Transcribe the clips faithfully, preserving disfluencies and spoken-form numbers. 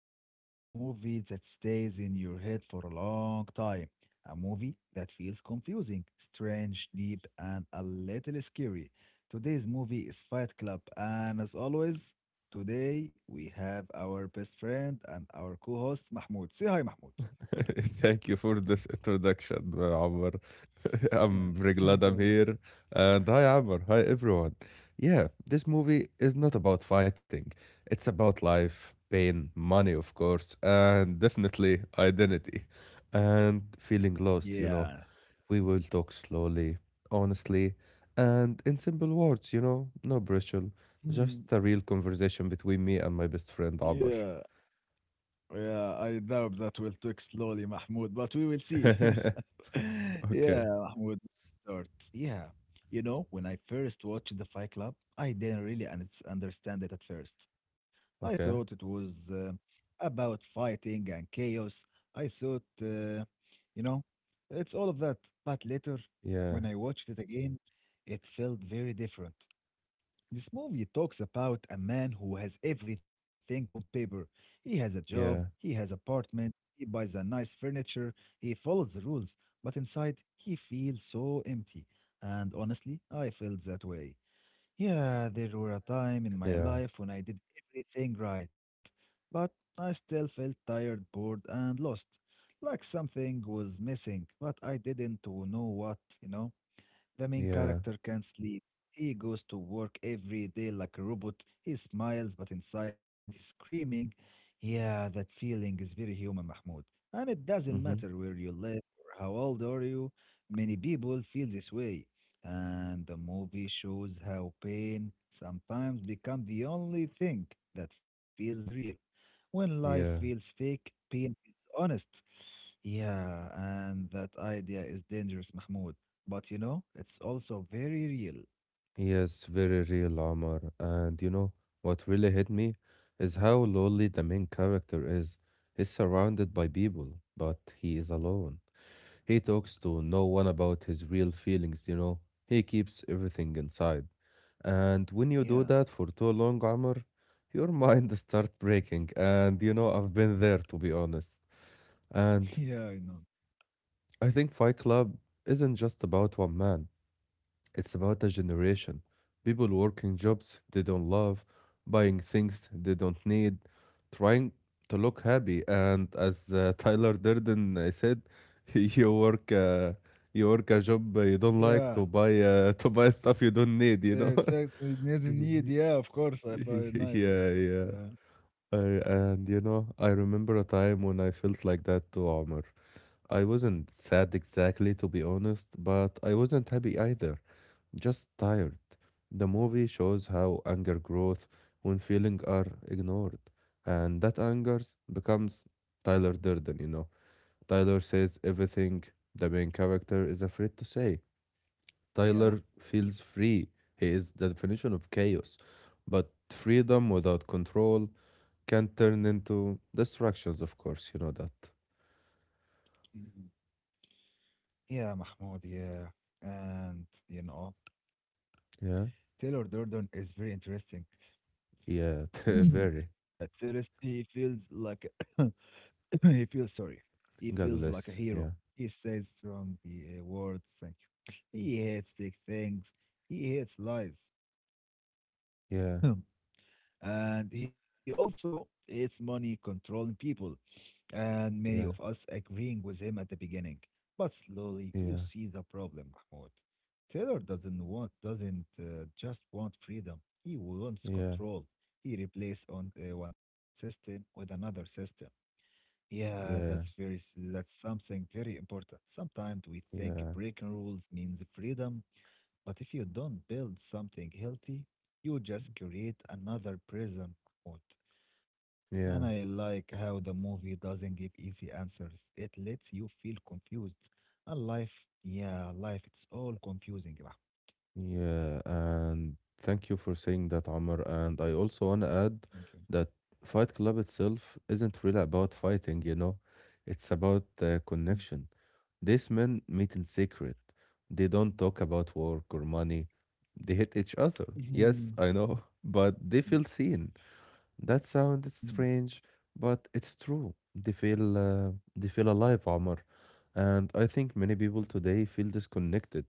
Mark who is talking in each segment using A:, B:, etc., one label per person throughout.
A: about a movie that stays in your head for a long time. A movie that feels confusing, strange, deep, and a little scary. Today's movie is Fight Club, and as always, today we have our best friend and our co host, Mahmoud. Say hi, Mahmoud.
B: Thank you for this introduction, uh, Amr. I'm
A: Yeah,
B: very glad I'm
A: thank you.
B: here. And hi, Amr. Hi, everyone. Yeah, this movie is not about fighting, it's about life, pain, money, of course, and definitely identity and feeling lost, you
A: Yeah,
B: know. We will talk slowly, honestly, and in simple words, you know, no pressure,
A: Hmm.
B: just a real conversation between me and my best friend,
A: yeah,
B: Amr.
A: yeah. I doubt that will take slowly, Mahmoud, but we will see. Yeah,
B: Okay,
A: Mahmoud, start. Yeah. You know, when I first watched The Fight Club, I didn't really un- understand it at first. I thought it
B: okay.
A: was uh, about fighting and chaos. I thought, uh, you know, it's all of that. But later,
B: Yeah,
A: when I watched it again, it felt very different. This movie talks about a man who has everything on paper. He has a job, he
B: yeah.
A: has apartment, he buys a nice furniture, he follows the rules, but inside he feels so empty. And honestly, I felt that way. Yeah, there were a time in my
B: Yeah,
A: life when I did everything right, but I still felt tired, bored, and lost. Like something was missing, but I didn't know what, you know? The main
B: yeah,
A: character can't sleep. He goes to work every day like a robot. He smiles, but inside he's screaming. Yeah, that feeling is very human, Mahmoud. And it doesn't matter
B: hmm
A: where you live or how old are you, many people feel this way. And the movie shows how pain sometimes becomes the only thing that feels real. When life feels
B: yeah.
A: fake, pain feels honest. Yeah, and that idea is dangerous, Mahmoud. But you know, it's also very real.
B: Yes, very real, Omar. And you know what really hit me is how lonely the main character is. He's surrounded by people, but he is alone. He talks to no one about his real feelings, you know. He keeps everything inside. And when you do
A: Yeah.
B: that for too long, Omar, your mind starts breaking. And you know, I've been there to be honest. And
A: Yeah, I know.
B: I think Fight Club isn't just about one man. It's about a generation. People working jobs they don't love, buying things they don't need, trying to look happy. And as uh, Tyler Durden uh, said, you work uh, you work a job uh, you don't like
A: Yeah.
B: to buy uh, to buy stuff you don't need. You know.
A: The text it doesn't need. Yeah, of course. I finite that.
B: Yeah,
A: that,
B: yeah.
A: Yeah.
B: I, and you know, I remember a time when I felt like that too, Omar. I wasn't sad exactly, to be honest, but I wasn't happy either just tired. The movie shows how anger grows when feelings are ignored. And that anger becomes Tyler Durden, you know. Tyler says everything the main character is afraid to say.
A: Yeah.
B: Tyler feels free. He is the definition of chaos. But freedom without control can turn into distractions, of course, you know that.
A: Mhm. Yeah, Mahmoud. Yeah. And, you know,
B: Yeah?
A: Taylor Durden is very interesting.
B: Yeah, very.
A: At first, he feels like he feels sorry. He feels
B: God
A: like a
B: bless.
A: hero.
B: Yeah.
A: He says strong uh, words. Thank you. He hates big things. He hates lies.
B: Yeah.
A: And he also hates money controlling people, and many of
B: Yeah.
A: us agreeing with him at the beginning. But slowly, you
B: Yeah.
A: see the problem, Mahmoud. Taylor doesn't want, doesn't uh, just want freedom. He wants
B: Yeah.
A: control. He replaces on uh, one system with another system. Yeah, that's
B: Yeah.
A: very, s- that's something very important. Sometimes we think
B: Yeah.
A: breaking rules means freedom, but if you don't build something healthy, you just create another prison. Mahmoud. And I
B: Yeah,
A: like how the movie doesn't give easy answers. It lets you feel confused. And life, yeah, life, it's all confusing. Bah. Yeah,
B: yeah, and thank you for saying that, Amr. And I also want to add
A: Thank you.
B: that Fight Club itself isn't really about fighting, you know, it's about uh,
A: Mm,
B: connection. These men meet in secret. They don't talk about work or money. They hate each other. Yes,
A: Mhm.
B: I know, but they
A: Yeah.
B: feel seen. That sounds
A: Mm,
B: strange, but it's true. They feel uh, they feel alive, Omar. And I think many people today feel disconnected.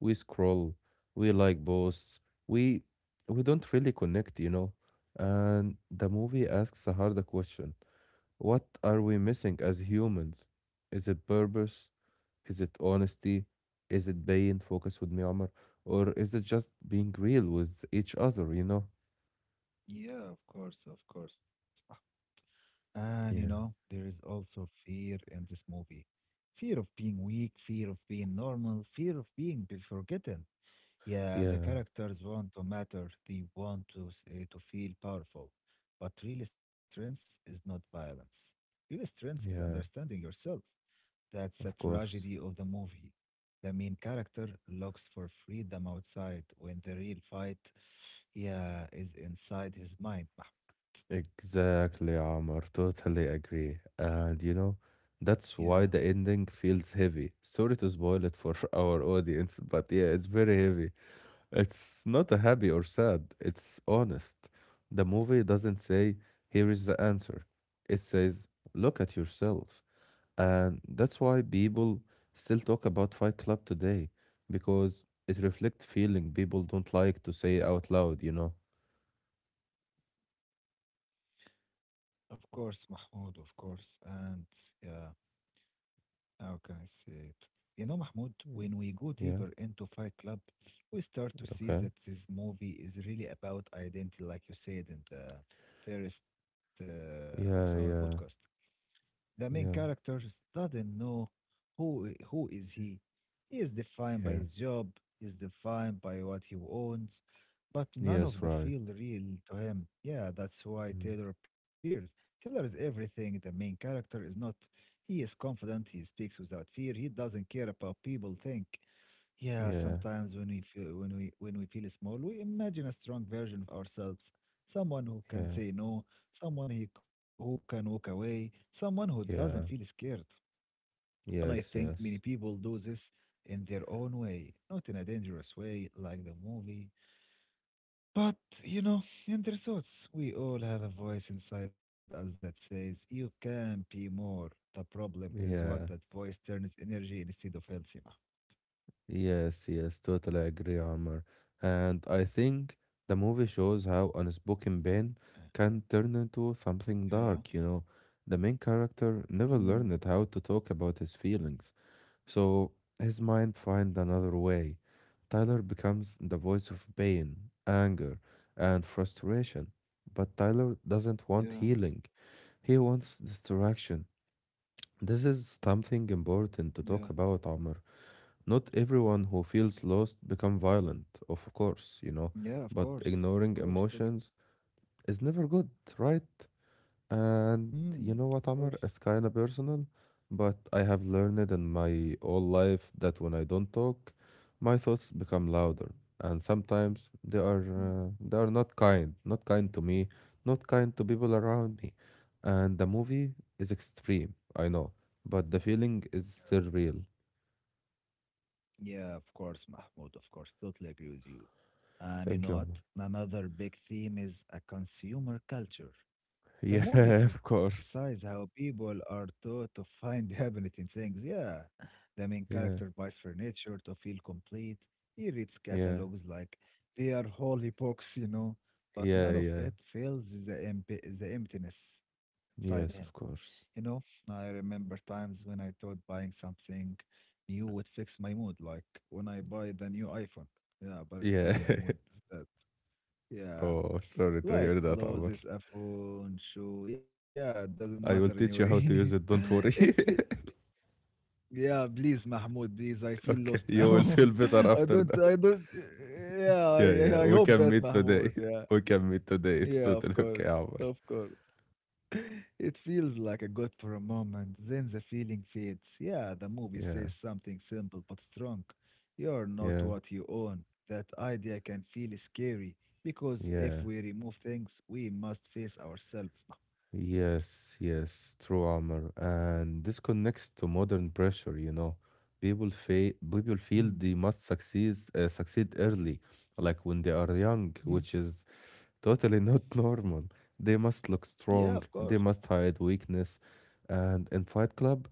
B: We scroll, we like posts, we we don't really connect, you know. And the movie asks a harder question. What are we missing as humans? Is it purpose? Is it honesty? Is it being focused with me, Omar? Or is it just being real with each other, you know?
A: Yeah, of course, of course. Bah. And you know,
B: Yeah.
A: there is also fear in this movie. Fear of being weak, fear of being normal, fear of being be- forgotten. Yeah, the
B: Yeah.
A: characters want to matter. They want to s- uh, to feel powerful. But real strength is not violence. Real strength is
B: Yeah.
A: understanding yourself. That's a
B: Of
A: tragedy
B: course.
A: of the movie. The main character looks for freedom outside when the real fight, yeah, is inside his mind. Mah-
B: Exactly, Amar. Totally agree. And you know, that's
A: Yeah,
B: why the ending feels heavy. Sorry to spoil it for our audience, but yeah, it's very heavy. It's not a happy or sad, it's honest. The movie doesn't say, here is the answer. It says, look at yourself. And that's why people still talk about Fight Club today, because it reflects feeling people don't like to say out loud, you know?
A: of course, Mahmoud, of course. And yeah. Okay, I see it. You know, Mahmoud,
B: Mm.
A: when we go
B: Yeah,
A: deeper into Fight Club, we start to see
B: okay.
A: that this movie is really about identity, like you said in the first uh, of our
B: Yeah,
A: podcast.
B: yeah,
A: The main
B: yeah,
A: character doesn't know who who is he. He is defined by
B: yeah.
A: his job, he is defined by what he owns, but none of
B: Yes,
A: the
B: right.
A: feel real to him. Yeah, that's why
B: Mm.
A: Taylor appears. Taylor is everything. The main character is not. He is confident, he speaks without fear, he doesn't care about people think. Yeah,
B: Yeah,
A: sometimes when we feel when we when we feel small, we imagine a strong version of ourselves, someone who can
B: yeah,
A: say no, someone he, who can walk away, someone who doesn't feel
B: yeah.
A: scared. And I think
B: Yes,
A: many
B: yes.
A: people do this in their own way, not in a dangerous way like the movie. But, you know, in their thoughts, we all have a voice inside us that says, you can be more. The problem is what that
B: Yeah,
A: voice turns energy instead of health. Sima.
B: yes, yes. Totally agree, Amr. And I think the movie shows how unspoken pain
A: Uh,
B: can turn into
A: Yeah.
B: something dark, you know. The main character
A: Mm,
B: never learned how to talk about his feelings. So his mind finds another way. Tyler becomes the voice of pain, anger, and frustration. But Tyler doesn't want
A: yeah.
B: healing, he wants distraction. This is something important to
A: Yeah.
B: talk about, Amr. Not everyone who feels lost become violent, of course, you know,
A: Yeah, of
B: but
A: course. Of
B: ignoring
A: course. Totally.
B: emotions is never good, right? And
A: Mm, of
B: you know
A: course.
B: what, Amr? It's kind of personal, but I have learned in my whole life that when I don't talk, my thoughts become louder, and sometimes they are
A: Hmm.
B: uh, they are not kind, not kind to me, not kind to people around me. And the movie is extreme, I know, but the feeling is still real.
A: Yeah, of course, Mahmoud, of course. Totally agree with you. And you
B: Thank
A: know
B: you,
A: what?
B: Amr.
A: Another big theme is a consumer culture. The
B: Yeah,
A: movie
B: of
A: criticizes
B: course.
A: how people are taught to find happiness in things. Yeah. The main
B: Yeah,
A: character buys furniture to feel complete. He reads
B: yeah,
A: catalogs like they are holy books, you know, but
B: yeah,
A: none of
B: yeah.
A: it fills the, emp- the emptiness inside him.
B: Yes, of
A: You
B: course.
A: know, I remember times when I thought buying something new would fix my mood, like when I buy the new iPhone. Yeah, but still
B: Yeah.
A: my mood is bad. Yeah,
B: Oh, sorry to
A: like
B: hear that, Amr.
A: clothes, a phone, shoe. Yeah, it doesn't matter
B: I will teach you
A: anyway.
B: how to use it. Don't
A: It
B: worry.
A: feel, yeah, please, Mahmoud, please. I feel lost
B: Okay, you will
A: now.
B: feel better
A: I
B: after
A: don't,
B: that.
A: I don't. Yeah,
B: Yeah,
A: I,
B: yeah.
A: I I
B: We
A: hope
B: can
A: that
B: meet today.
A: Mahmoud. Yeah,
B: We can meet today. It's
A: yeah, of
B: totally
A: course,
B: okay, Amr.
A: of course. It feels like a gut for a moment, then the feeling fades. Yeah, the movie
B: Yeah,
A: says something simple but strong. You're not
B: yeah,
A: what you own. That idea can feel scary because
B: yeah.
A: if we remove things, we must face ourselves.
B: Yes, yes. True, Amr. And this connects to modern pressure. You know, people fe- people
A: Mhm.
B: feel they must succeed uh, succeed early, like when they are young,
A: Mhm,
B: which is totally not normal. They must look
A: Yeah,
B: strong,
A: of
B: they
A: course.
B: must hide weakness. And in Fight Club,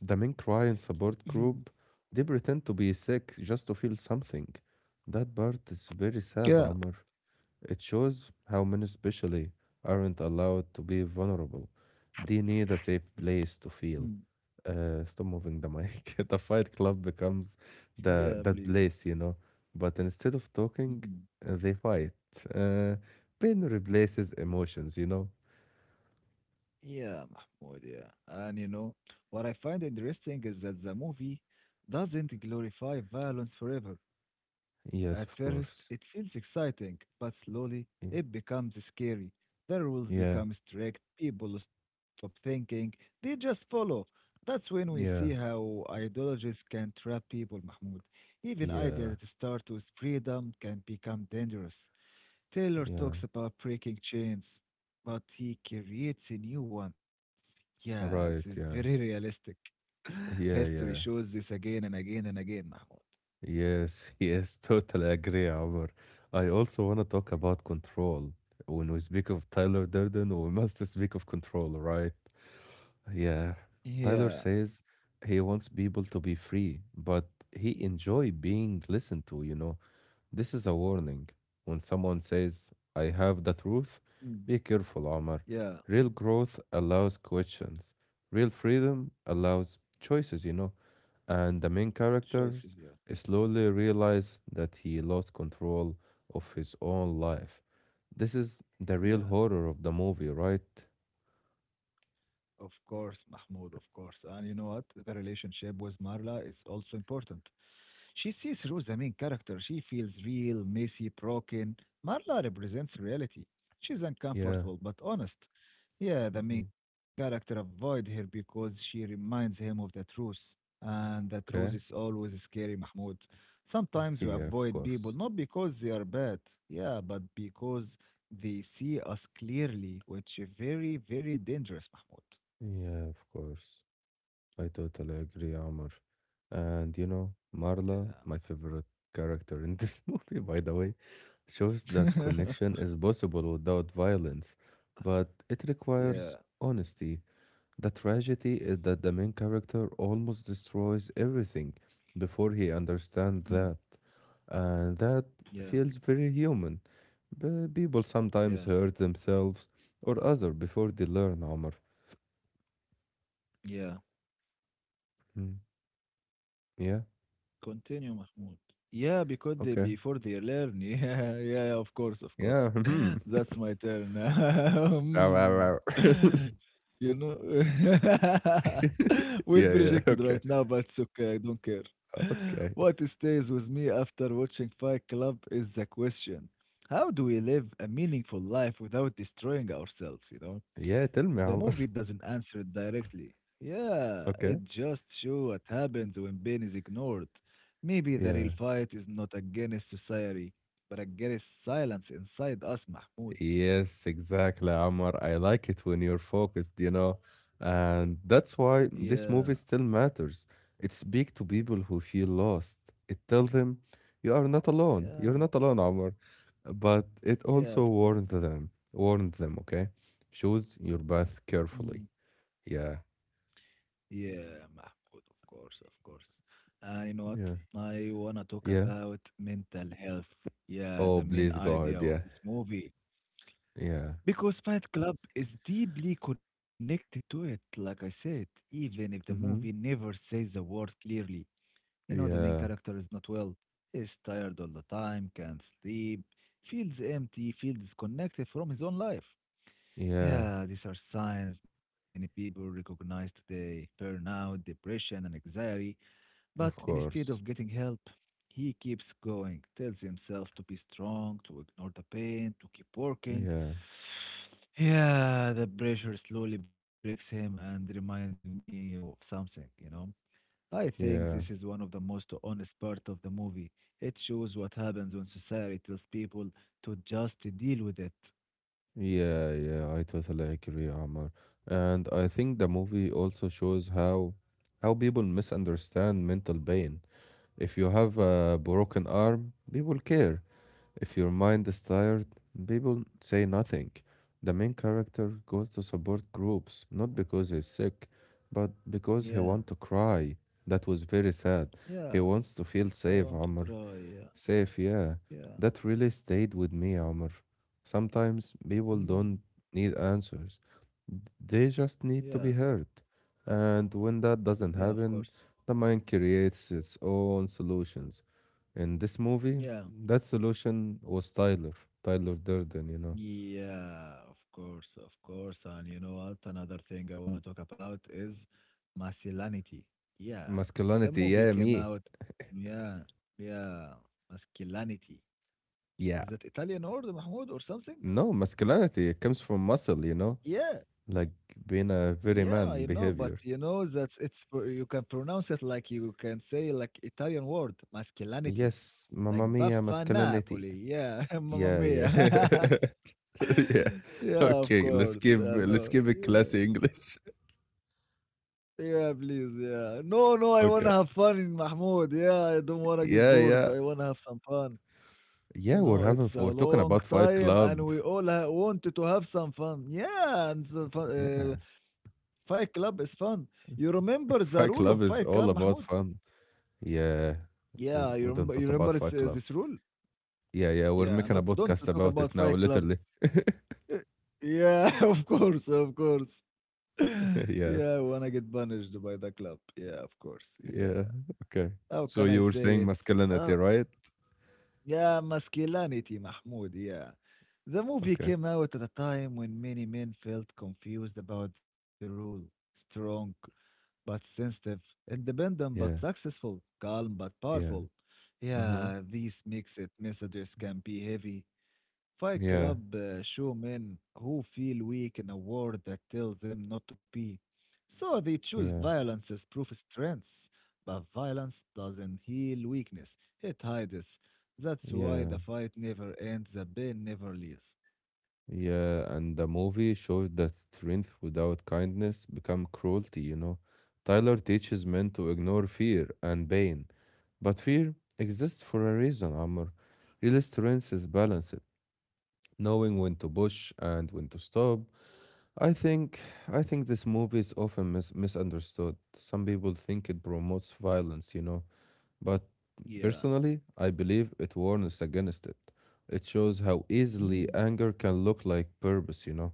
B: the main cry and support
A: Mhm.
B: group, they pretend to be sick just to feel something. That part is very sad,
A: Yeah.
B: Amr. It shows how men especially aren't allowed to be vulnerable. They need a safe place to
A: Mm,
B: feel. Uh, stop moving the mic. The fight club becomes
A: Yeah,
B: the
A: please.
B: that place, you know. But instead of talking,
A: Mhm.
B: uh, they fight. Uh, Pain replaces emotions, you know.
A: Yeah, Mahmoud, yeah. And you know, what I find interesting is that the movie doesn't glorify violence forever.
B: Yes,
A: At
B: of
A: first,
B: course.
A: it feels exciting, but slowly
B: Y-
A: it becomes scary. The rules
B: Yeah,
A: become strict, people stop thinking, they just follow. That's when we see
B: yeah,
A: how ideologies can trap people, Mahmoud. Even
B: yeah,
A: ideas that start with freedom can become dangerous. Taylor
B: yeah.
A: talks about breaking chains, but he creates a new ones. Yeah, this is
B: Right,
A: very
B: yeah,
A: realistic.
B: yeah,
A: History
B: yeah.
A: shows this again and again and again, Mahmoud.
B: Yes, yes, totally agree, Omar. I also want to talk about control. When we speak of Tyler Durden, we must speak of control, right? Yeah. Tyler
A: Yeah.
B: says he wants people to be free, but he enjoy being listened to, you know. This is a warning. When someone says, I have the truth,
A: Mm,
B: be careful, Omar.
A: yeah.
B: Real growth allows questions. Real freedom allows choices, you know. And the main
A: Choices, yeah.
B: characters slowly realize that he lost control of his own life. This is the real
A: Yeah,
B: horror of the movie, right?
A: of course, Mahmoud, of course. And you know what? The relationship with Marla is also important. She sees through the main character. She feels real, messy, broken. Marla represents reality. She's
B: Yeah.
A: uncomfortable but honest. Yeah, the
B: Mhm.
A: main character avoid her because she reminds him of the truth. And the truth
B: Okay.
A: is always scary, Mahmoud. Sometimes we
B: Yeah, of
A: avoid people
B: course.
A: not because they are bad, yeah, but because they see us clearly, which is very, very dangerous, Mahmoud.
B: Yeah, of course. I totally agree, Amr. And you know, Marla, my favorite character in this movie, by the way, shows that
A: Yeah.
B: connection is possible without violence, but it
A: yeah.
B: requires honesty. The tragedy is that the main character almost destroys everything before he understands
A: Mm.
B: that. And that
A: Yeah.
B: feels very human. But people sometimes
A: Yeah.
B: hurt themselves or other before they learn, Omar.
A: Yeah.
B: Mm. Yeah,
A: Continue, Mahmoud. Yeah, because they,
B: okay.
A: before they learn. Yeah, yeah, of course, of
B: Yeah,
A: course.
B: mhm.
A: That's my turn.
B: Wow, wow,
A: Hmm.
B: wow.
A: You know, we'll
B: Yeah,
A: be
B: yeah,
A: rejected
B: okay.
A: right now, but it's okay. I don't care.
B: Okay.
A: What stays with me after watching Fight Club is the question: How do we live a meaningful life without destroying ourselves? You know.
B: Yeah, tell
A: The
B: me,
A: movie
B: Omar.
A: doesn't answer it directly. Yeah, it
B: Okay.
A: just shows what happens when pain is ignored. Maybe the real
B: Yeah.
A: fight is not against society, but against silence inside us, Mahmoud.
B: Yes, exactly, Omar. I like it when you're focused, you know. And that's why
A: Yeah,
B: this movie still matters. It speaks to people who feel lost. It tells them you are not alone.
A: yeah,
B: You're not alone, Omar. But it
A: yeah,
B: also
A: of course.
B: warns them, warned them, okay? Choose your path
A: Mm.
B: carefully. Yeah.
A: Yeah, Mahmoud, of course, of course. And you know what?
B: Yeah.
A: I wanna talk
B: Yeah.
A: about mental health. Yeah,
B: Oh,
A: the main
B: please God.
A: idea of
B: Yeah.
A: this movie.
B: Yeah.
A: Because Fight Club is deeply connected to it, like I said, even if the movie
B: Mm-hmm.
A: never says a word clearly. You know, the main
B: Yeah.
A: character is not well, is tired all the time, can't sleep, feels empty, feels disconnected from his own life.
B: Yeah.
A: Yeah, these are signs many people recognize today burnout, depression, and anxiety. But
B: Of
A: instead of
B: course.
A: getting help, he keeps going, tells himself to be strong, to ignore the pain, to keep working.
B: Yeah.
A: Yeah, the pressure slowly breaks him and reminds me of something, you know. I think this is one
B: Yeah.
A: of the most honest part of the movie. It shows what happens when society tells people to just deal with it.
B: Yeah. Yeah. I totally agree, Amar. And I think the movie also shows how how people misunderstand mental pain. If you have a broken arm, people care. If your mind is tired, people say nothing. The main character goes to support groups, not because he's sick, but because he
A: Yeah,
B: wants to cry. That was very sad.
A: yeah,
B: He wants to feel
A: I
B: safe,
A: want to
B: Amr.
A: cry. Yeah,
B: Safe, yeah.
A: yeah,
B: That really stayed with me, Omar. Sometimes people
A: mm,
B: don't need answers. They just
A: yeah,
B: need to be heard. And when that
A: yeah,
B: doesn't
A: of course.
B: happen, the mind creates its own solutions. In this movie,
A: Yeah.
B: that solution was Tyler, Tyler Durden, you know.
A: Yeah, of course, of course. And you know what? Another thing I want to talk about is masculinity. Yeah, the
B: Masculinity,
A: movie
B: yeah,
A: came
B: me.
A: out. Yeah, yeah, masculinity.
B: Yeah.
A: Is that Italian word, Mahmoud, or something?
B: No, masculinity, it comes from muscle, you know,
A: Yeah,
B: like being a
A: yeah,
B: very
A: I know,
B: man
A: but you
B: behavior.
A: know that it's pr- you can pronounce it like you can say like Italian word, masculinity,
B: Yes,
A: like
B: mamma mia,
A: Baffa
B: masculinity.
A: Napoli. Yeah, Mamma
B: Yeah, yeah.
A: Mia.
B: Yeah.
A: Yeah, of
B: Okay, let's
A: course.
B: give
A: I
B: let's
A: know.
B: give it
A: Yeah.
B: classy English.
A: Yeah, please, yeah. No, no, I wanna
B: Okay.
A: have fun in Mahmoud. Yeah, I don't wanna get
B: Yeah,
A: bored.
B: yeah.
A: I wanna have some fun.
B: Yeah,
A: You
B: we're
A: know,
B: having
A: it's
B: f
A: a
B: we're talking
A: long
B: about Fight
A: time, and
B: Club.
A: we all ha wanted to have some fun. Yeah, and the fu uh,
B: Yes.
A: Fight Club is fun. You remember the rule of
B: Fight
A: Fight
B: Club is
A: Club,
B: all
A: Mahmoud?
B: about fun. Yeah.
A: Yeah,
B: We
A: you
B: we
A: remember.
B: don't
A: You
B: talk
A: remember
B: about
A: it's
B: Fight
A: uh,
B: Club.
A: this rule?
B: Yeah, yeah, we're
A: Yeah,
B: making a
A: not don't to
B: podcast
A: talk
B: about
A: about
B: it now,
A: Fight Club.
B: literally.
A: Uh, Yeah, of course, of course. Yeah, I
B: Yeah.
A: wanna get punished by the club. Yeah, of course. Yeah.
B: Yeah. Okay.
A: How can
B: So
A: I
B: you were
A: say
B: saying
A: it?
B: masculinity,
A: Uh,
B: right?
A: yeah, masculinity, Mahmoud, yeah. The movie
B: Okay.
A: came out at a time when many men felt confused about the rule. Strong but sensitive, independent but
B: Yeah.
A: successful, calm but
B: Yeah.
A: powerful.
B: Mhm.
A: Yeah, this makes it messages can be heavy. Fight
B: Yeah.
A: Club uh, showmen who feel weak in a world that tells them not to be. So they choose
B: Yeah.
A: violence as proof strengths. But violence doesn't heal weakness, it hides. It. That's why
B: Yeah.
A: the fight never ends, the pain never leaves.
B: Yeah, and the movie shows that strength without kindness become cruelty, you know. Tyler teaches men to ignore fear and pain, but fear exists for a reason, Amr. Real strength is balanced, knowing when to push and when to stop. I think I think this movie is often mis misunderstood. Some people think it promotes violence, you know, but
A: Yeah.
B: personally, I believe it warns against it. It shows how easily
A: Mhm.
B: anger can look like purpose, you know.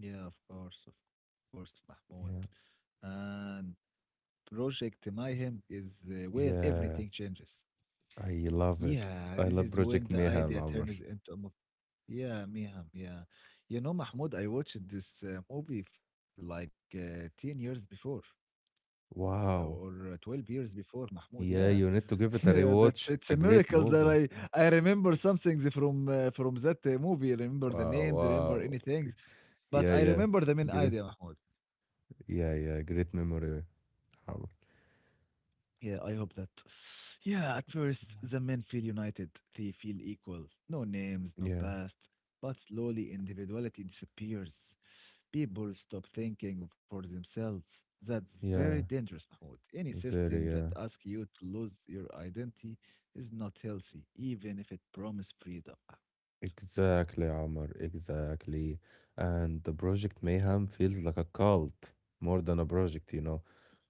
A: Yeah, of course, of course, Mahmoud.
B: Yeah.
A: And Project Mayhem is uh, where
B: Yeah.
A: everything changes.
B: I love it.
A: Yeah,
B: I
A: this
B: love
A: is when
B: Project
A: the
B: Mayhem,
A: idea
B: Amr.
A: turns into a movie. Yeah, Miham, yeah. You know, Mahmoud, I watched this uh, movie f like uh, ten years before uh, or
B: Wow.
A: uh, twelve years before, Mahmoud. Yeah.
B: Yeah, you need to give it a
A: Yeah, that's
B: rewatch.
A: it's
B: It's
A: a
B: a great
A: miracle that
B: movie.
A: I I remember some things from uh, from that uh, movie. I remember the
B: Wow,
A: names, I remember
B: wow.
A: any things, but
B: Yeah,
A: I
B: yeah.
A: remember the main
B: Great.
A: idea, Mahmoud.
B: Yeah, yeah. Great memory, Amr.
A: Yeah, I hope that. Yeah, at first the men feel united. They feel equal. No names, no
B: Yeah,
A: past, but slowly individuality disappears. People stop thinking for themselves. That's very
B: yeah.
A: dangerous, Mahmoud. Any
B: Very,
A: system that
B: yeah.
A: asks you to lose your identity is not healthy, even if it promises freedom.
B: Exactly, Amr. Exactly. And the Project Mayhem feels like a cult more than a project, you know.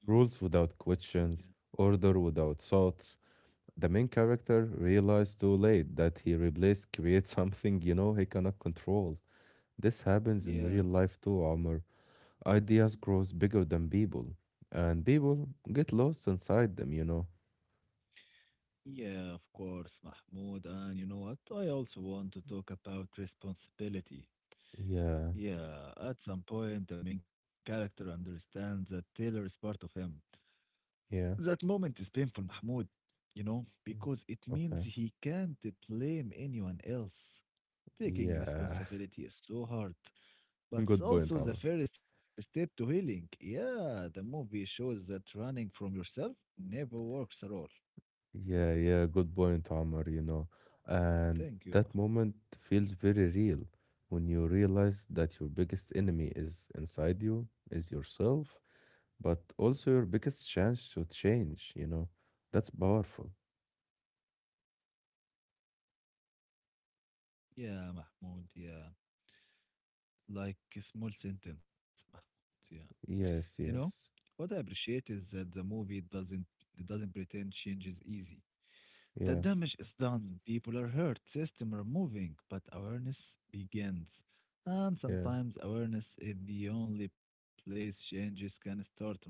B: Rules without
A: Mm,
B: questions, order without thoughts. The main character realized too late that he replaced create something you know he cannot control. This happens
A: Yeah,
B: in
A: yeah,
B: real life too, Omar. Ideas grows bigger than people, and people get lost inside them. You know.
A: yeah, of course, Mahmoud. And you know what? I also want to talk about responsibility.
B: Yeah.
A: Yeah, at some point, the main character understands that Taylor is part of him.
B: Yeah.
A: That moment is painful, Mahmoud, you know,
B: Mm,
A: because it means
B: okay.
A: he can't blame anyone else. Taking
B: Yeah.
A: responsibility is so hard, but it's
B: Good point,
A: also the
B: Omar.
A: first step to healing. Yeah, the movie shows that running from yourself never works at all.
B: Yeah. Yeah. Good point, Omar. You know, and
A: Thank you, Mahmoud.
B: that moment feels very real when you realize that your biggest enemy is inside you, is yourself. But also your biggest chance to change, you know. That's powerful.
A: Yeah, Mahmoud, yeah. Like a small sentence, Mahmoud, yeah. You know,
B: Yes, yes.
A: what I appreciate is that the movie doesn't it doesn't pretend change is easy. The
B: Yeah,
A: damage is done, people are hurt, system are moving, but awareness begins. And
B: yeah.
A: sometimes awareness is the only place changes can start, Mahmoud.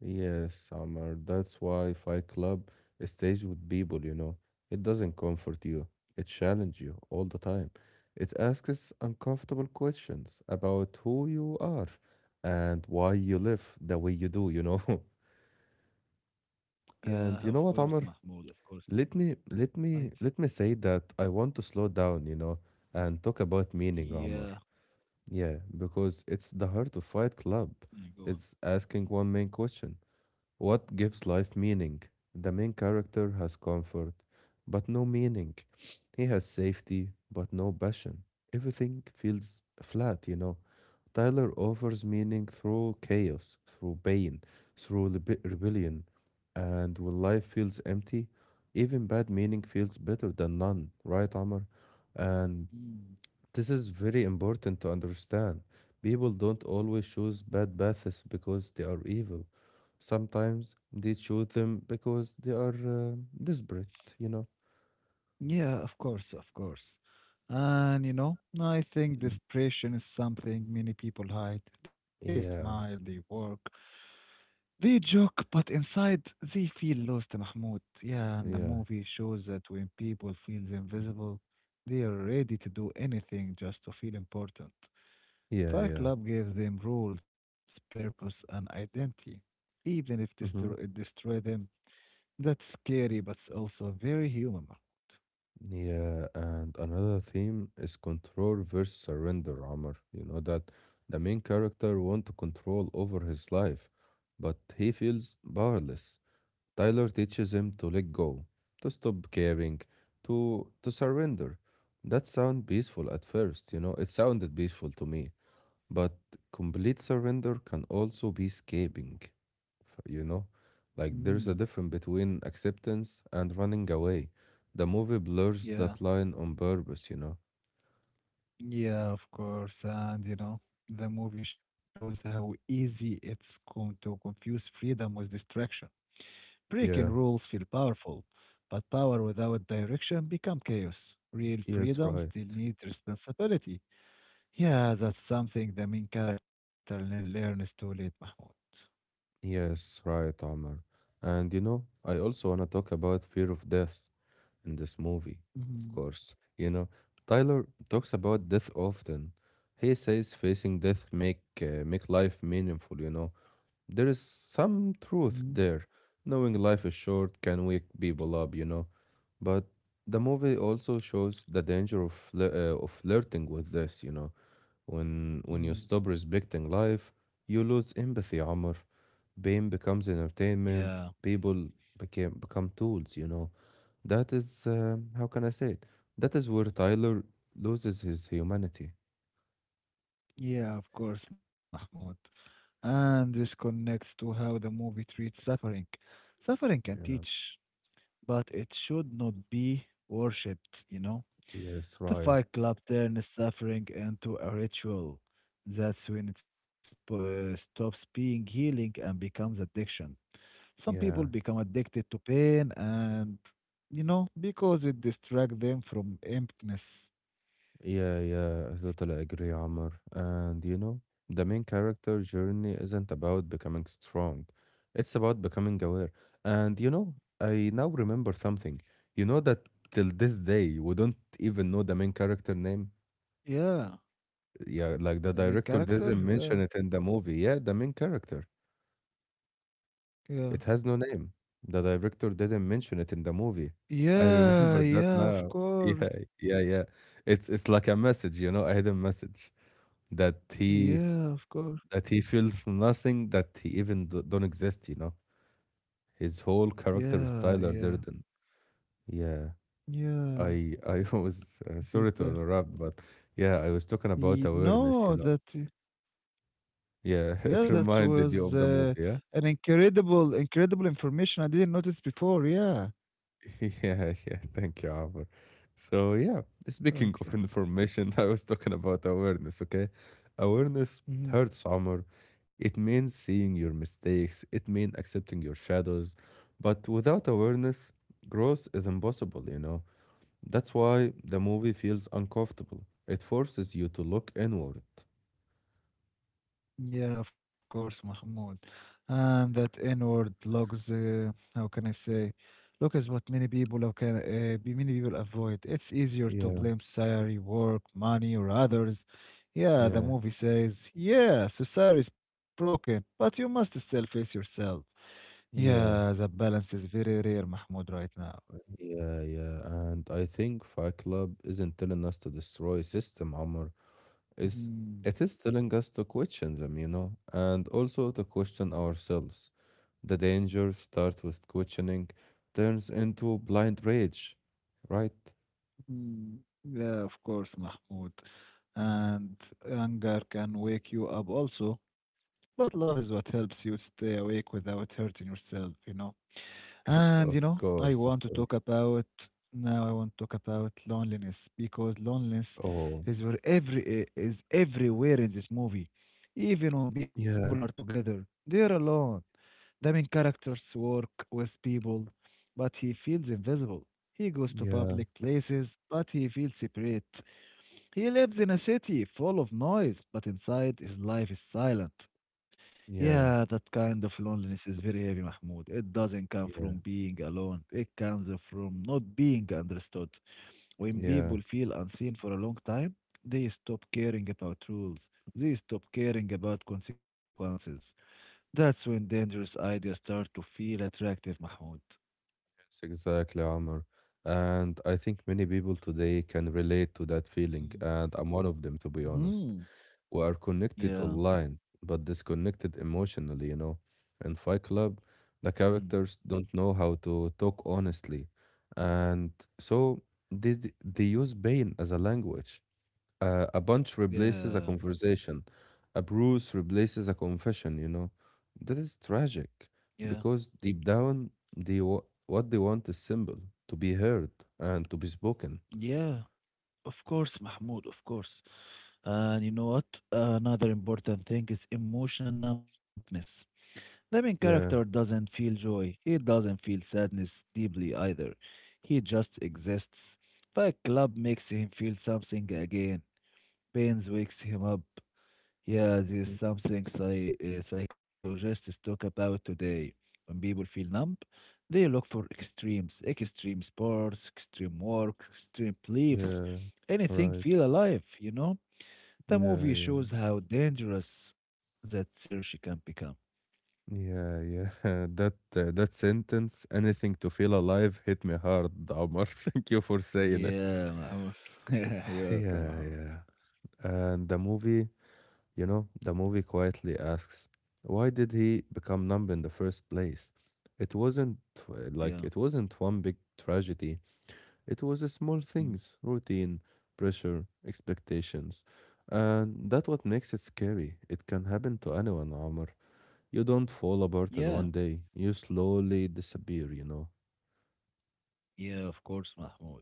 B: Yes, Amar. That's why Fight Club stays with people, you know. It doesn't comfort you, it challenges you all the time. It asks uncomfortable questions about who you are and why you live the way you do, you know.
A: Yeah,
B: And
A: of
B: you know
A: course,
B: what, Amar?
A: Mahmoud, of course.
B: Let me let
A: I
B: me
A: think,
B: let me say that I want to slow down, you know, and talk about meaning, Amar.
A: yeah,
B: Yeah, because it's the heart of Fight Club.
A: yeah, go on.
B: It's asking one main question. What gives life meaning? The main character has comfort, but no meaning. He has safety, but no passion. Everything feels flat, you know. Tyler offers meaning through chaos, through pain, through lebe- rebellion. And when life feels empty, even bad meaning feels better than none, right, Amr? And
A: Mm.
B: this is very important to understand. People don't always choose bad paths because they are evil. Sometimes they choose them because they are uh, desperate, you know?
A: Yeah, of course, of course. And you know, I think this desperation is something many people hide. They smile,
B: Yeah.
A: they work, they joke, but inside they feel lost, Mahmoud. Yeah, and
B: Yeah,
A: the
B: yeah,
A: movie shows that when people feel
B: mm,
A: invisible, they are ready to do anything just to feel important.
B: yeah,
A: Fight
B: yeah.
A: Club gave them rules, purpose, and identity, even if destroy, it
B: Hmm.
A: destroy them. That's scary, but it's also very human. Mahmoud.
B: Yeah, and another theme is control versus surrender, Amr. You know that the main character want to control over his life, but he feels powerless. Tyler teaches him to let go, to stop caring, to to surrender. That sound peaceful at first, you know, it sounded peaceful to me. But complete surrender can also be escaping, f- you know? Like
A: Mm,
B: there's a difference between acceptance and running away. The movie blurs
A: yeah,
B: that line on purpose, you know?
A: yeah, of course. And you know, the movie shows how easy it's come to confuse freedom with distraction. Breaking
B: Yeah,
A: rules feel powerful, but power without direction become chaos. Real
B: yes,
A: freedom
B: right.
A: still needs responsibility. Yeah, that's something the main character le- learns too late, Mahmoud.
B: Yes, right, Amr. And you know, I also want to talk about fear of death in this movie, of
A: Mhm,
B: course. You know, Tyler talks about death often. He says facing death make uh, make life meaningful, you know. There is some
A: mhm,
B: truth there. Knowing life is short can wake people up, you know. But the movie also shows the danger of flir- uh, of flirting with this, you know. When when you stop
A: mm.
B: respecting life, you lose empathy, Amr. Pain becomes entertainment.
A: Yeah,
B: People became become tools, you know. That is, uh, how can I say it? That is where Tyler loses his humanity.
A: yeah, of course, Mahmoud. And this connects to how the movie treats suffering. Suffering can
B: Yeah.
A: teach, but it should not be worshipped, you know?
B: Yes,
A: The
B: right.
A: Fight Club turns suffering into a ritual. That's when it sp- uh, stops being healing and becomes addiction. Some people
B: Yeah.
A: become addicted to pain and, you know, because it distracts them from emptiness.
B: Yeah, yeah. I totally agree, Amr. And you know, the main character journey isn't about becoming strong. It's about becoming aware. And you know, I now remember something. You know that till this day we don't even know the main character name.
A: Yeah,
B: Yeah, like the
A: the main
B: director
A: character?
B: didn't mention
A: Yeah,
B: it in the movie. Yeah, the main character.
A: yeah.
B: It has no name. The director didn't mention it in the movie. I
A: Yeah,
B: remember that
A: yeah, of
B: now.
A: course.
B: Yeah, yeah, yeah. It's it's like a message, you know, a hidden message that he
A: Yeah, of course.
B: that he feels nothing, that he even d don't exist, you know. His whole character is
A: Yeah,
B: Tyler
A: yeah,
B: Durden. Yeah,
A: yeah.
B: I I was uh,
A: Is it,
B: sorry to
A: uh,
B: interrupt, but yeah, I was talking about
A: y-
B: awareness, you
A: no,
B: know.
A: that. Yeah,
B: Yeah,
A: that
B: it
A: was
B: reminded you of
A: uh,
B: the movie,
A: an
B: yeah?
A: incredible, incredible information I didn't notice before. Yeah.
B: Yeah, yeah. Thank you, Amr. So yeah,
A: Okay.
B: speaking of
A: Yeah.
B: information, I was talking about awareness, okay? Awareness
A: Mhm.
B: hurts, Amr. It means seeing your mistakes, it means accepting your shadows. But without awareness, growth is impossible, you know? That's why the movie feels uncomfortable. It forces you to look inward.
A: Yeah, of course, Mahmoud. And that N-word logs, uh, how can I say, look is what many people how can uh, be- many people avoid. It's easier to
B: Yeah,
A: blame society, work, money, or others. Yeah, the
B: yeah,
A: movie says, yeah, society is broken, but you must still face yourself. Yeah,
B: yeah,
A: the balance is very rare, Mahmoud, right now.
B: yeah, yeah. And I think Fight Club isn't telling us to destroy system, Amr. Is
A: Mhm.
B: it is telling us to question them, you know, and also to question ourselves. The danger starts with questioning, turns into blind rage, right?
A: Mm, yeah, of course, Mahmoud. And anger can wake you up also, but love is what helps you stay awake without hurting yourself, you know?
B: Of
A: And you
B: course, of
A: know,
B: course.
A: I want to talk about now I want to talk about loneliness because loneliness
B: Oh,
A: is where every i- is everywhere in this movie. Even when people are
B: yeah,
A: together, they're alone. The main characters work with people, but he feels invisible. He goes to
B: yeah,
A: public places, but he feels separate. He lives in a city full of noise, but inside his life is silent. Yeah,
B: yeah,
A: that kind of loneliness is very heavy, Mahmoud. It doesn't come from
B: yeah,
A: being alone, it comes from not being understood. When
B: yeah.
A: people feel unseen for a long time, they stop caring about rules, they stop caring about consequences. That's when dangerous ideas start to feel attractive, Mahmoud.
B: Yes, exactly, Amr. And I think many people today can relate to that feeling, and I'm one of them, to be honest.
A: Mm-hmm.
B: We are connected
A: Yeah.
B: online, but disconnected emotionally, you know. In Fight Club, the
A: Mm.
B: characters don't know how to talk honestly, and so they, d- they use pain as a language. Uh, a punch replaces a
A: Yeah.
B: conversation, a bruise replaces a confession, you know. That is tragic
A: Yeah.
B: because deep down, they wa- what they want is simple: to be heard and to be spoken.
A: Yeah. Of course, Mahmoud, of course. And you know what? Another important thing is emotional numbness. The main character
B: Yeah,
A: doesn't feel joy. He doesn't feel sadness deeply either. He just exists. Fight Club makes him feel something again. Pains wakes him up. Yeah, there is something psy- uh, psychologists talk about today. When people feel numb, they look for extremes, extreme sports, extreme work, extreme beliefs,
B: yeah,
A: anything
B: right.
A: feel alive, you know? The
B: Yeah,
A: movie
B: yeah.
A: shows how dangerous that search can become.
B: Yeah, yeah. That uh, that sentence, anything to feel alive, hit me hard, Omar. Thank you for saying it.
A: Yeah, Mahmoud. You're welcome,
B: Yeah,
A: Mahmoud.
B: yeah. And the movie, you know, the movie quietly asks, why did he become numb in the first place? It wasn't uh,
A: Yeah.
B: like it wasn't one big tragedy. It was a small
A: Mm.
B: things, routine, pressure, expectations. And that's what makes it scary. It can happen to anyone, Omar. You don't fall apart
A: Yeah.
B: in one day. You slowly disappear, you know?
A: Yeah, of course, Mahmoud.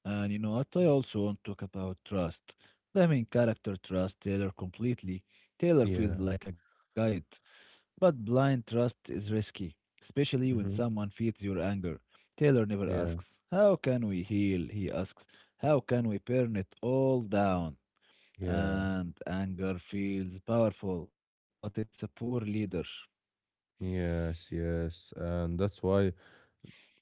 A: And you know what? I also want to talk about trust. The main character trusts Taylor completely. Taylor feels
B: Yeah.
A: like a guide, but blind trust is risky, especially when
B: Hmm.
A: someone feeds your anger. Taylor never
B: Yeah.
A: asks, "How can we heal?" He asks, "How can we burn it all down?"
B: Yeah.
A: And anger feels powerful, but it's a poor leader.
B: Yes, yes. And that's why,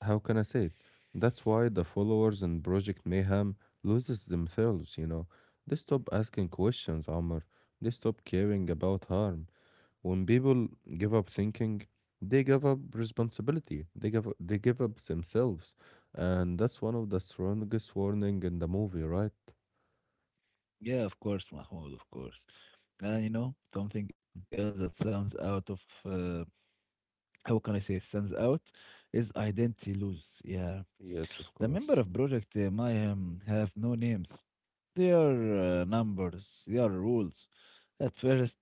B: how can I say it? That's why the followers in Project Mayhem loses themselves, you know? They stop asking questions, Amr. They stop caring about harm. When people give up thinking, they give up responsibility. They give they give up themselves. And that's one of the strongest warning in the movie, right?
A: Yeah, of course, Mahmoud, of course. And you know, something else that sounds out of uh, how can I say it stands out is identity loss. Yeah,
B: Yes, of
A: the member
B: course.
A: of Project uh, Mayhem have no names. They are uh, numbers. They are rules. At first,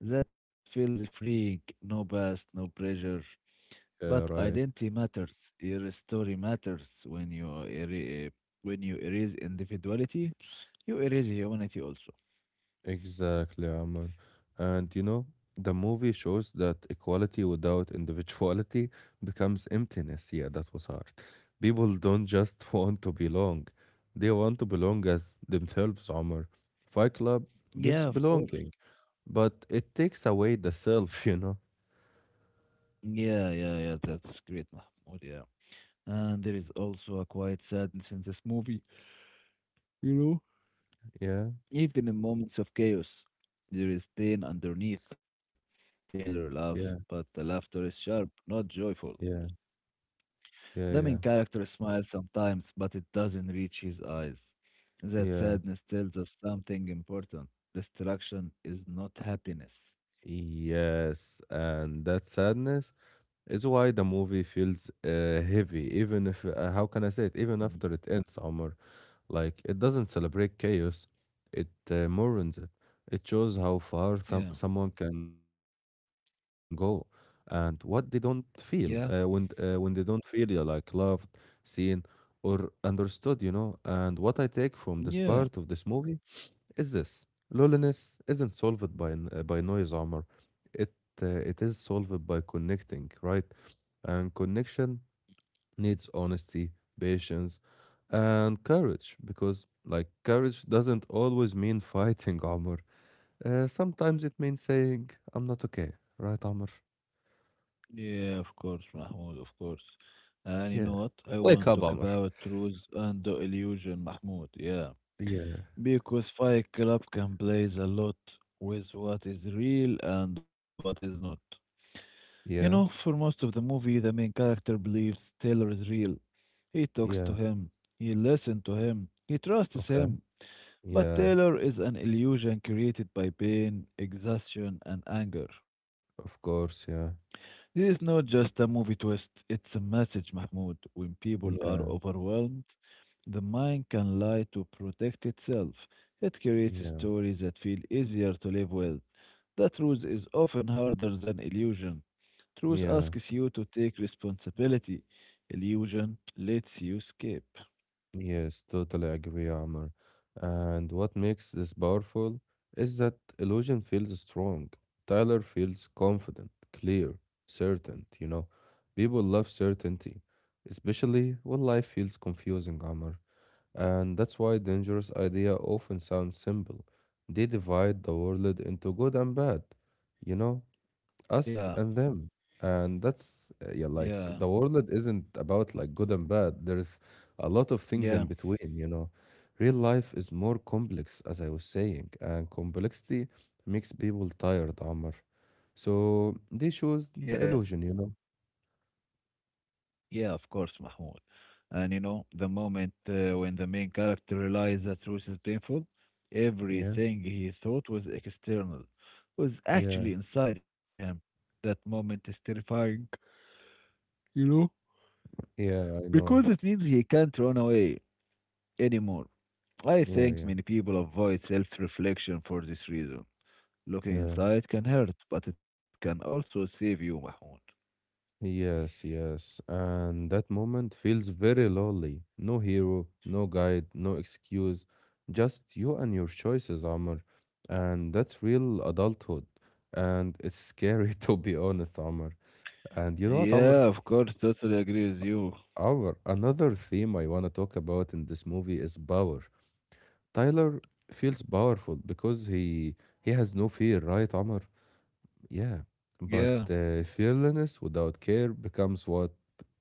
A: that feels freeing. No past, no pressure. But
B: Yeah, right.
A: identity matters. Your story matters. When you er- when you erase individuality, you erase humanity also.
B: Exactly, Amr. And you know, the movie shows that equality without individuality becomes emptiness. Yeah, that was hard. People don't just want to belong, they want to belong as themselves, Amr. Fight Club
A: Yeah,
B: gives
A: of course.
B: belonging, but it takes away the self, you know?
A: Yeah, yeah, yeah. That's great, Mahmoud. Yeah. And there is also a quiet sadness in this movie, you know?
B: Yeah,
A: Even in moments of chaos, there is pain underneath. Taylor laughs, but
B: yeah,
A: the laughter is sharp, not joyful.
B: yeah,
A: The
B: yeah,
A: main
B: yeah,
A: character smiles sometimes, but it doesn't reach his eyes. That
B: yeah.
A: sadness tells us something important. Destruction is not happiness.
B: Yes, and that sadness is why the movie feels uh, heavy, even if, uh, how can I say it, even
A: Mhm.
B: after it ends, Omar. Like, it doesn't celebrate chaos, it uh, mourns it. It shows how far th-
A: Yeah.
B: someone can go and what they don't feel uh, when,
A: Yeah.
B: uh, when they don't feel uh, like loved, seen, or understood, you know. And what I take from this part of
A: Yeah.
B: this movie is this: loneliness isn't solved by n- uh, by noise, armor. It uh, it is solved by connecting, right, and connection needs honesty, patience, and courage, because like courage doesn't always mean fighting, armor. Uh, sometimes it means saying I'm not okay, right, armor?
A: Yeah, of course, Mahmoud, of course. And you know
B: Yeah,
A: what? I
B: wake
A: want to
B: up,
A: talk
B: armor.
A: about truth and the illusion, Mahmoud. Yeah.
B: Yeah,
A: Because Fight Club can plays a lot with what is real and what is not. You know, for
B: yeah,
A: most of the movie, the main character believes Taylor is real. He talks to
B: yeah,
A: him, he listens to him, he trusts
B: okay,
A: him. But
B: yeah,
A: Taylor is an illusion created by pain, exhaustion, and anger.
B: of course, yeah,
A: This is not just a movie twist, it's a message, Mahmoud. When people are
B: yeah,
A: overwhelmed, the mind can lie to protect itself. It creates
B: yeah,
A: stories that feel easier to live with. The truth is often harder than illusion. Truth
B: yeah.
A: asks you to take responsibility, illusion lets you escape.
B: Yes, totally agree, Amr. And what makes this powerful is that illusion feels strong. Tyler feels confident, clear, certain, you know. People love certainty, especially when life feels confusing, Amr. And that's why dangerous idea often sounds simple. They divide the world into good and bad, you know?
A: Yeah,
B: Us and them. And that's uh, yeah,
A: yeah,
B: like the world isn't about like good and bad, there's a lot of things
A: yeah,
B: in between, you know. Real life is more complex, as I was saying, and complexity makes people tired, Amr. So they chose
A: yeah,
B: the illusion, you know.
A: yeah, of course, Mahmoud. And you know, the moment uh, when the main character realizes that truth is painful,
B: Yeah,
A: everything he thought was external was
B: yeah,
A: actually inside him. That moment is terrifying, you know,
B: yeah, I
A: because
B: know,
A: it means he can't run away anymore. I
B: yeah,
A: think
B: yeah,
A: many people avoid self reflection for this reason. Looking
B: yeah.
A: inside can hurt, but it can also save you, Mahmoud.
B: Yes, yes. And that moment feels very lonely. No hero, no guide, no excuse. Just you and your choices, Amr. And that's real adulthood. And it's scary to be honest, Amr. And you know what,
A: Yeah, of
B: Amr?
A: course, totally agree with you.
B: Amr, another theme I want to talk about in this movie is power. Tyler feels powerful because he he has no fear, right, Amr? Yeah.
A: Yeah,
B: But uh, fearlessness without care becomes what?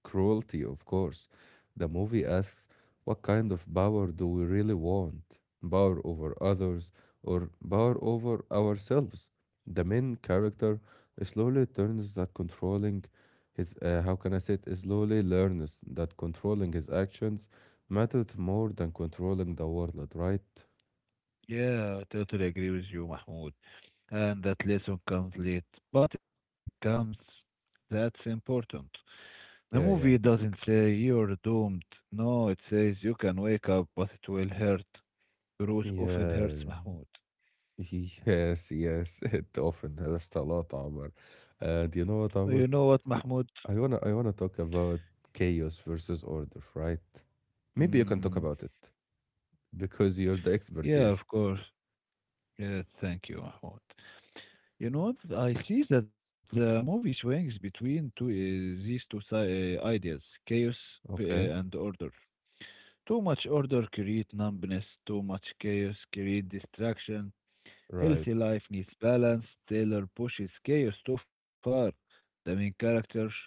B: Cruelty, of course. The movie asks, what kind of power do we really want? Power over others, or power over ourselves? The main character slowly turns that controlling his, uh, how can I say it, slowly learns that controlling his actions mattered more than controlling the world, right?
A: yeah, totally agree with you, Mahmoud. And that lesson comes late, but it comes. That's important. The movie
B: Yeah, yeah.
A: doesn't say you're doomed. No, it says you can wake up, but it will hurt. Bruce often
B: Yeah,
A: hurts Mahmoud.
B: yes, yes. It often helps a lot, Amr. And you know what,
A: Oh,
B: Amr?
A: you know what, Mahmoud?
B: I wanna I wanna talk about chaos versus order, right? Maybe you can talk
A: Mm,
B: about it because you're the expert
A: yeah,
B: here.
A: of course. Yeah, thank you, Mahmoud. You
B: Mm.
A: know, th- I see that the movie swings between two uh, these two si- uh, ideas: chaos uh,
B: Okay,
A: and order. Too much order create numbness. Too much chaos create distraction.
B: right.
A: Healthy life needs balance. Taylor pushes chaos too far. The main character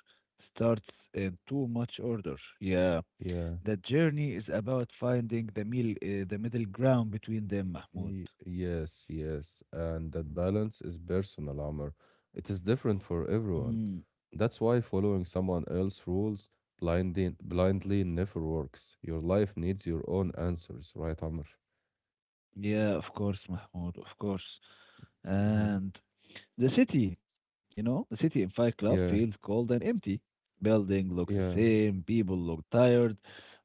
A: starts in too much order. Yeah,
B: Yeah.
A: the journey is about finding the middle, uh, the middle ground between them, Mahmoud.
B: Y- yes, yes. And that balance is personal, armor. It is different for
A: Mhm.
B: everyone. That's why following someone else's rules blindly, blindly never works. Your life needs your own answers, right, Amr?
A: Yeah, of course, Mahmoud, of course.
B: Hmm.
A: And the city, you know, the city in Fight Club feels
B: Yeah,
A: cold and empty. Building looks the
B: yeah,
A: same, people look tired.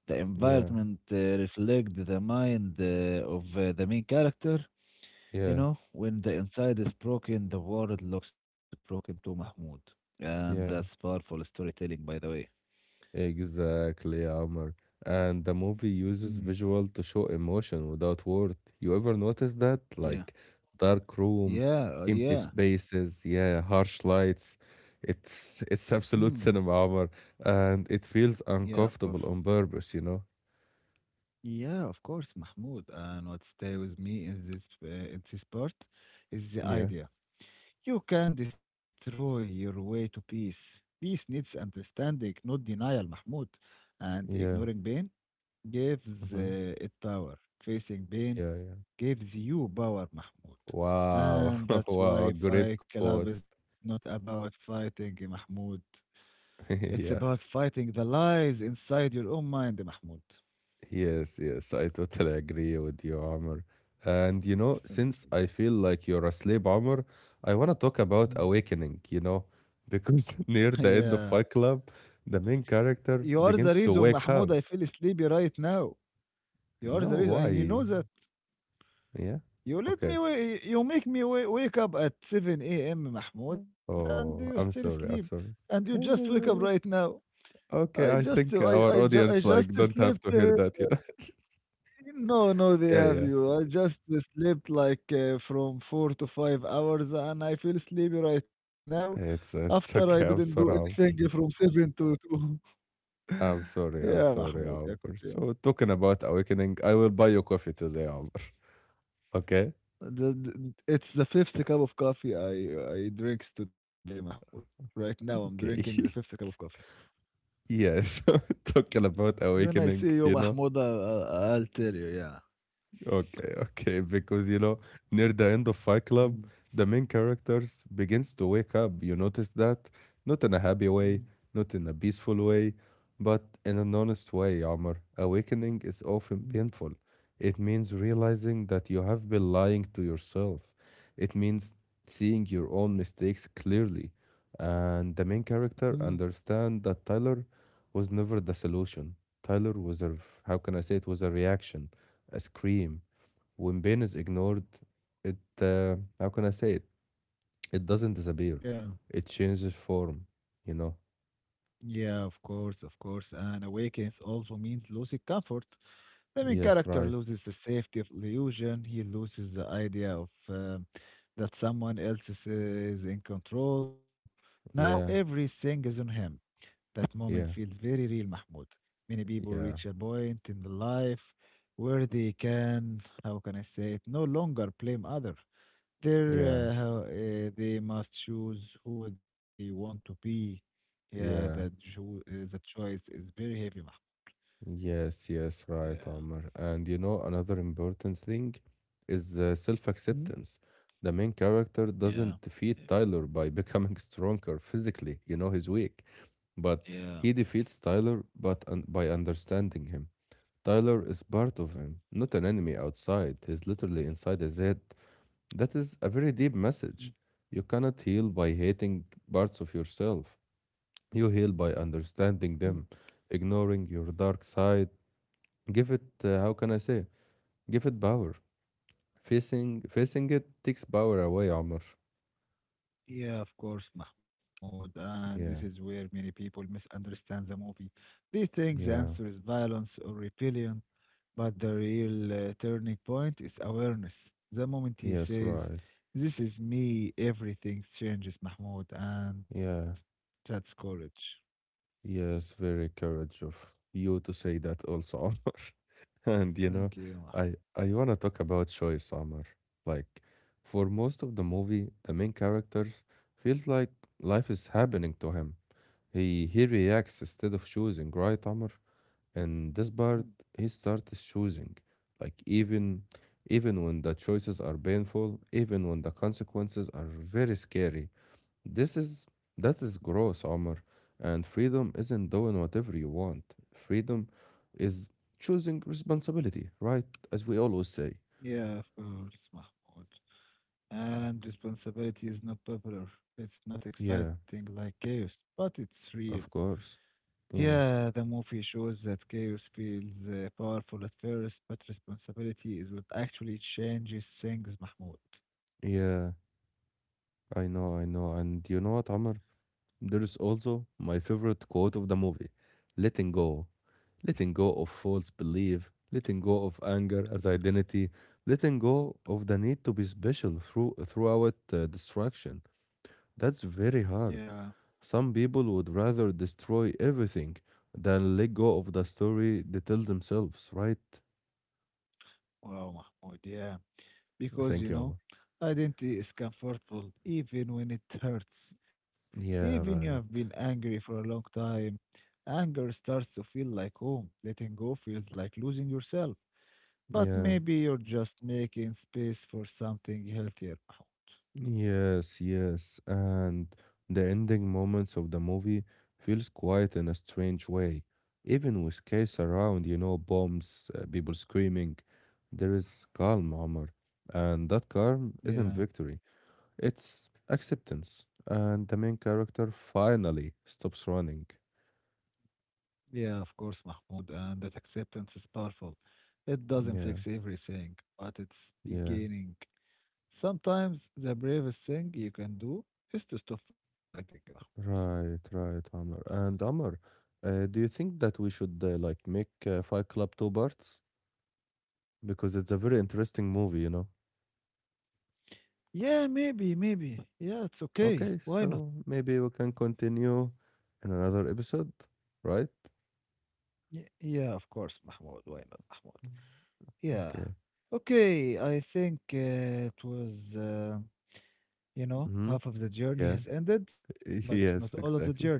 A: The
B: yeah,
A: environment uh, reflects the mind uh, of uh, the main character. You
B: yeah,
A: know, when the inside is broken, the world looks broken to Mahmoud. And that's
B: yeah.
A: powerful storytelling, by the way.
B: Exactly, Amr. And the movie uses
A: Mm,
B: visual to show emotion without word. You ever notice that?
A: yeah.
B: Like dark rooms,
A: Yeah. uh,
B: empty
A: Yeah.
B: spaces, yeah, harsh lights. It's it's
A: Mm,
B: absolute cinema, Amr, and it feels
A: yeah, of course.
B: uncomfortable on purpose, you know?
A: Yeah, of course, Mahmoud. And what stay with me in this, uh, in this part is the
B: Yeah,
A: idea. You can destroy your way to peace. Peace needs understanding, not denial, Mahmoud. And
B: yeah,
A: ignoring pain gives uh,
B: hmm,
A: it power. Facing pain
B: yeah, yeah.
A: gives you power, Mahmoud.
B: Wow,
A: And that's
B: wow,
A: why
B: great
A: Fight
B: quote.
A: Club is not about fighting, Mahmoud. It's
B: Yeah.
A: about fighting the lies inside your own mind, Mahmoud.
B: Yes, yes, I totally agree with you, Amr. And you know,
A: Thank
B: since
A: you.
B: I feel like you're asleep, Amr, I want to talk about
A: Mm.
B: awakening, you know, because near the
A: Yeah.
B: end of Fight Club, the main
A: You
B: character
A: are the
B: begins to
A: reason,
B: wake
A: Mahmoud,
B: up.
A: I feel sleepy right now. You are
B: No,
A: the reason, and you
B: why?
A: know that.
B: Yeah?
A: You let
B: Okay.
A: me, wa- you make me wa- wake up at seven a m, Mahmoud, and you
B: Oh,
A: still
B: I'm
A: sleep.
B: sorry. I'm
A: And
B: sorry.
A: you just wake up right now. I
B: Okay, I
A: just
B: think
A: I I
B: our
A: ju I
B: audience
A: just
B: like don't have
A: slept,
B: to hear
A: uh,
B: that, you know.
A: no, no, they
B: Yeah,
A: have
B: yeah.
A: you. I just slept like uh, from four to five hours and I feel sleepy right now
B: It's
A: after I
B: it's
A: didn't
B: okay.
A: do
B: I'm
A: anything
B: sorry.
A: from seven to two.
B: I'm sorry.
A: Yeah,
B: I'm sorry,
A: Mahmoud, يا كنت
B: Albert.
A: يعني.
B: So talking about awakening, I will buy you coffee today, Albert. Okay?
A: The, the, it's the fifth cup of coffee I I drinks today, Mahmoud. Right now I'm drinking the fifth cup
B: Okay.
A: of coffee.
B: Yes. Talking about
A: When I
B: awakening,
A: see you,
B: you know.
A: Mahmoud, I, I, I'll tell you, yeah.
B: Okay, okay, because you know, near the end of Fight Club,
A: Mm,
B: the main characters begins to wake up. You notice that? Not in a happy
A: mm,
B: way, not in a peaceful way, but in an honest way, Omar. Awakening is often
A: mm,
B: painful. It means realizing that you have been lying to yourself. It means seeing your own mistakes clearly. And the main
A: mhm,
B: character understand that Tyler was never the solution. Tyler was a, how can I say it, was a reaction, a scream. When pain is ignored, it uh, how can I say it? It doesn't disappear.
A: yeah.
B: It changes form, you know.
A: Yeah, of course, of course. And awakeness also means losing comfort. The main
B: Yes,
A: character
B: right.
A: loses the safety of illusion. He loses the idea of uh, that someone else is, is in control. Now
B: Yeah,
A: everything is on him. That moment feels
B: yeah,
A: very real, Mahmoud. Many people
B: yeah,
A: reach a point in the life where they can, how can I say it, no longer blame others. There,
B: yeah,
A: uh, how- uh, they must choose who they want to be. Yeah, the,
B: yeah.
A: cho- uh, the choice is very heavy, Mahmoud.
B: Yes, yes, right,
A: Yeah.
B: Omar. And you know, another important thing is uh,
A: Mhm.
B: self-acceptance. The main character
A: Yeah,
B: doesn't defeat
A: yeah,
B: Tyler by becoming stronger physically, you know, he's weak, but
A: yeah,
B: he defeats Tyler but un by understanding him. Tyler is part of him, not an enemy outside. He's literally inside his head. That is a very deep message. You cannot heal by hating parts of yourself. You heal by
A: mhm.
B: understanding them, ignoring your dark side. Give it, uh, how can I say? Give it power. Facing facing it takes power away, Amr.
A: Yeah, of course, Mahmoud. And this is
B: Yeah,
A: where many people misunderstand the movie. They think the answer
B: yeah,
A: is violence or rebellion, but the real uh, turning point is awareness. The moment he
B: yes,
A: says,
B: right.
A: "This is me," everything changes, Mahmoud, and
B: Yeah.
A: that's courage.
B: Yes, very courage of you to say that also, Omar. And you
A: Thank
B: know,
A: you. Mah-
B: I I want to talk about choice, Omar. Like for most of the movie, the main characters feels like life is happening to him. He he reacts instead of choosing, right, Omar? And this part, he starts choosing. Like even even when the choices are painful, even when the consequences are very scary. This is That is gross, Omar. And freedom isn't doing whatever you want. Freedom is choosing responsibility, right? As we always say.
A: Yeah, of course, Mahmoud. And responsibility is not popular. It's not
B: Yeah,
A: exciting like chaos, but it's real.
B: of course. Yeah.
A: Yeah, the movie shows that chaos feels uh, powerful at first, but responsibility is what actually changes things, Mahmoud.
B: Yeah, I know, I know. And you know what, Amr? There is also my favorite quote of the movie. Letting go. Letting go of false belief, letting go of anger as identity, letting go of the need to be special through throughout uh, distraction. That's very
A: Yeah,
B: hard. Some people would rather destroy everything than let go of the story they tell themselves, right?
A: wow, Mahmoud, yeah. Because
B: Thank
A: you
B: you,
A: know
B: Allah.
A: identity is comfortable even when it hurts, even you
B: Yeah,
A: have been
B: right.
A: angry for a long time, anger starts to feel like home. Letting go feels like losing yourself, but
B: Yeah.
A: maybe you're just making space for something healthier, Mahmoud.
B: Yes, yes. And the ending moments of the movie feels quiet in a strange way. Even with case around, you know, bombs, uh, people screaming, there is calm, Omar. And that calm isn't
A: Yeah,
B: victory. It's acceptance. And the main character finally stops running.
A: yeah, of course, Mahmoud. And that acceptance is powerful. It doesn't
B: Yeah.
A: fix everything, but it's
B: Yeah,
A: beginning. Sometimes the bravest thing you can do is to stop fighting.
B: right, right, Amr. And Amr, uh, do you think that we should uh, like make uh, Fight Club two parts? Because it's a very interesting movie, you know?
A: Yeah, maybe, maybe. Yeah, it's okay.
B: Okay,
A: Why not?
B: so maybe we can continue in another episode, right?
A: Yeah, yeah, of course, Mahmoud. Why not, Mahmoud? Yeah.
B: Okay.
A: Okay, I think uh, it was, uh, you know,
B: Mm-hmm.
A: half of the journey
B: Yeah.
A: has ended, but it's not all of
B: Yes,
A: the journey.
B: exactly.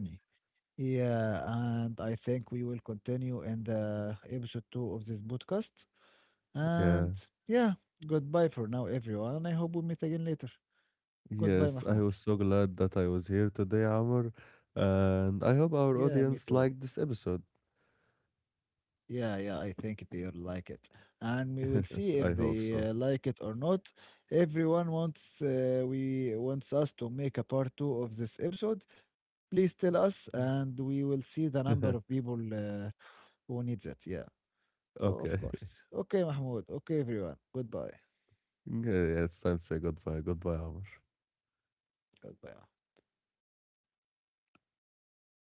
A: Yeah, and I think we will continue in the episode two of this podcast.
B: Yeah.
A: And yeah, goodbye for now, everyone. And I hope we meet again later. Goodbye,
B: Yes, I
A: Mahmoud.
B: was so glad that I was here today, Amr. And I hope
A: Yeah,
B: our
A: me too.
B: audience liked this episode.
A: Yeah, yeah, I think they'll like it. And we will see
B: I
A: if
B: hope
A: they
B: so.
A: uh, like it or not. Everyone wants uh, we wants us to make a part two of this episode. Please tell us, and we will see the number of people uh, who needs it. Yeah,
B: Okay.
A: o- of course. Okay, Mahmoud. Okay, everyone. Goodbye.
B: Nie, ya sen Sega two, Ego two almış.
A: Goodbye.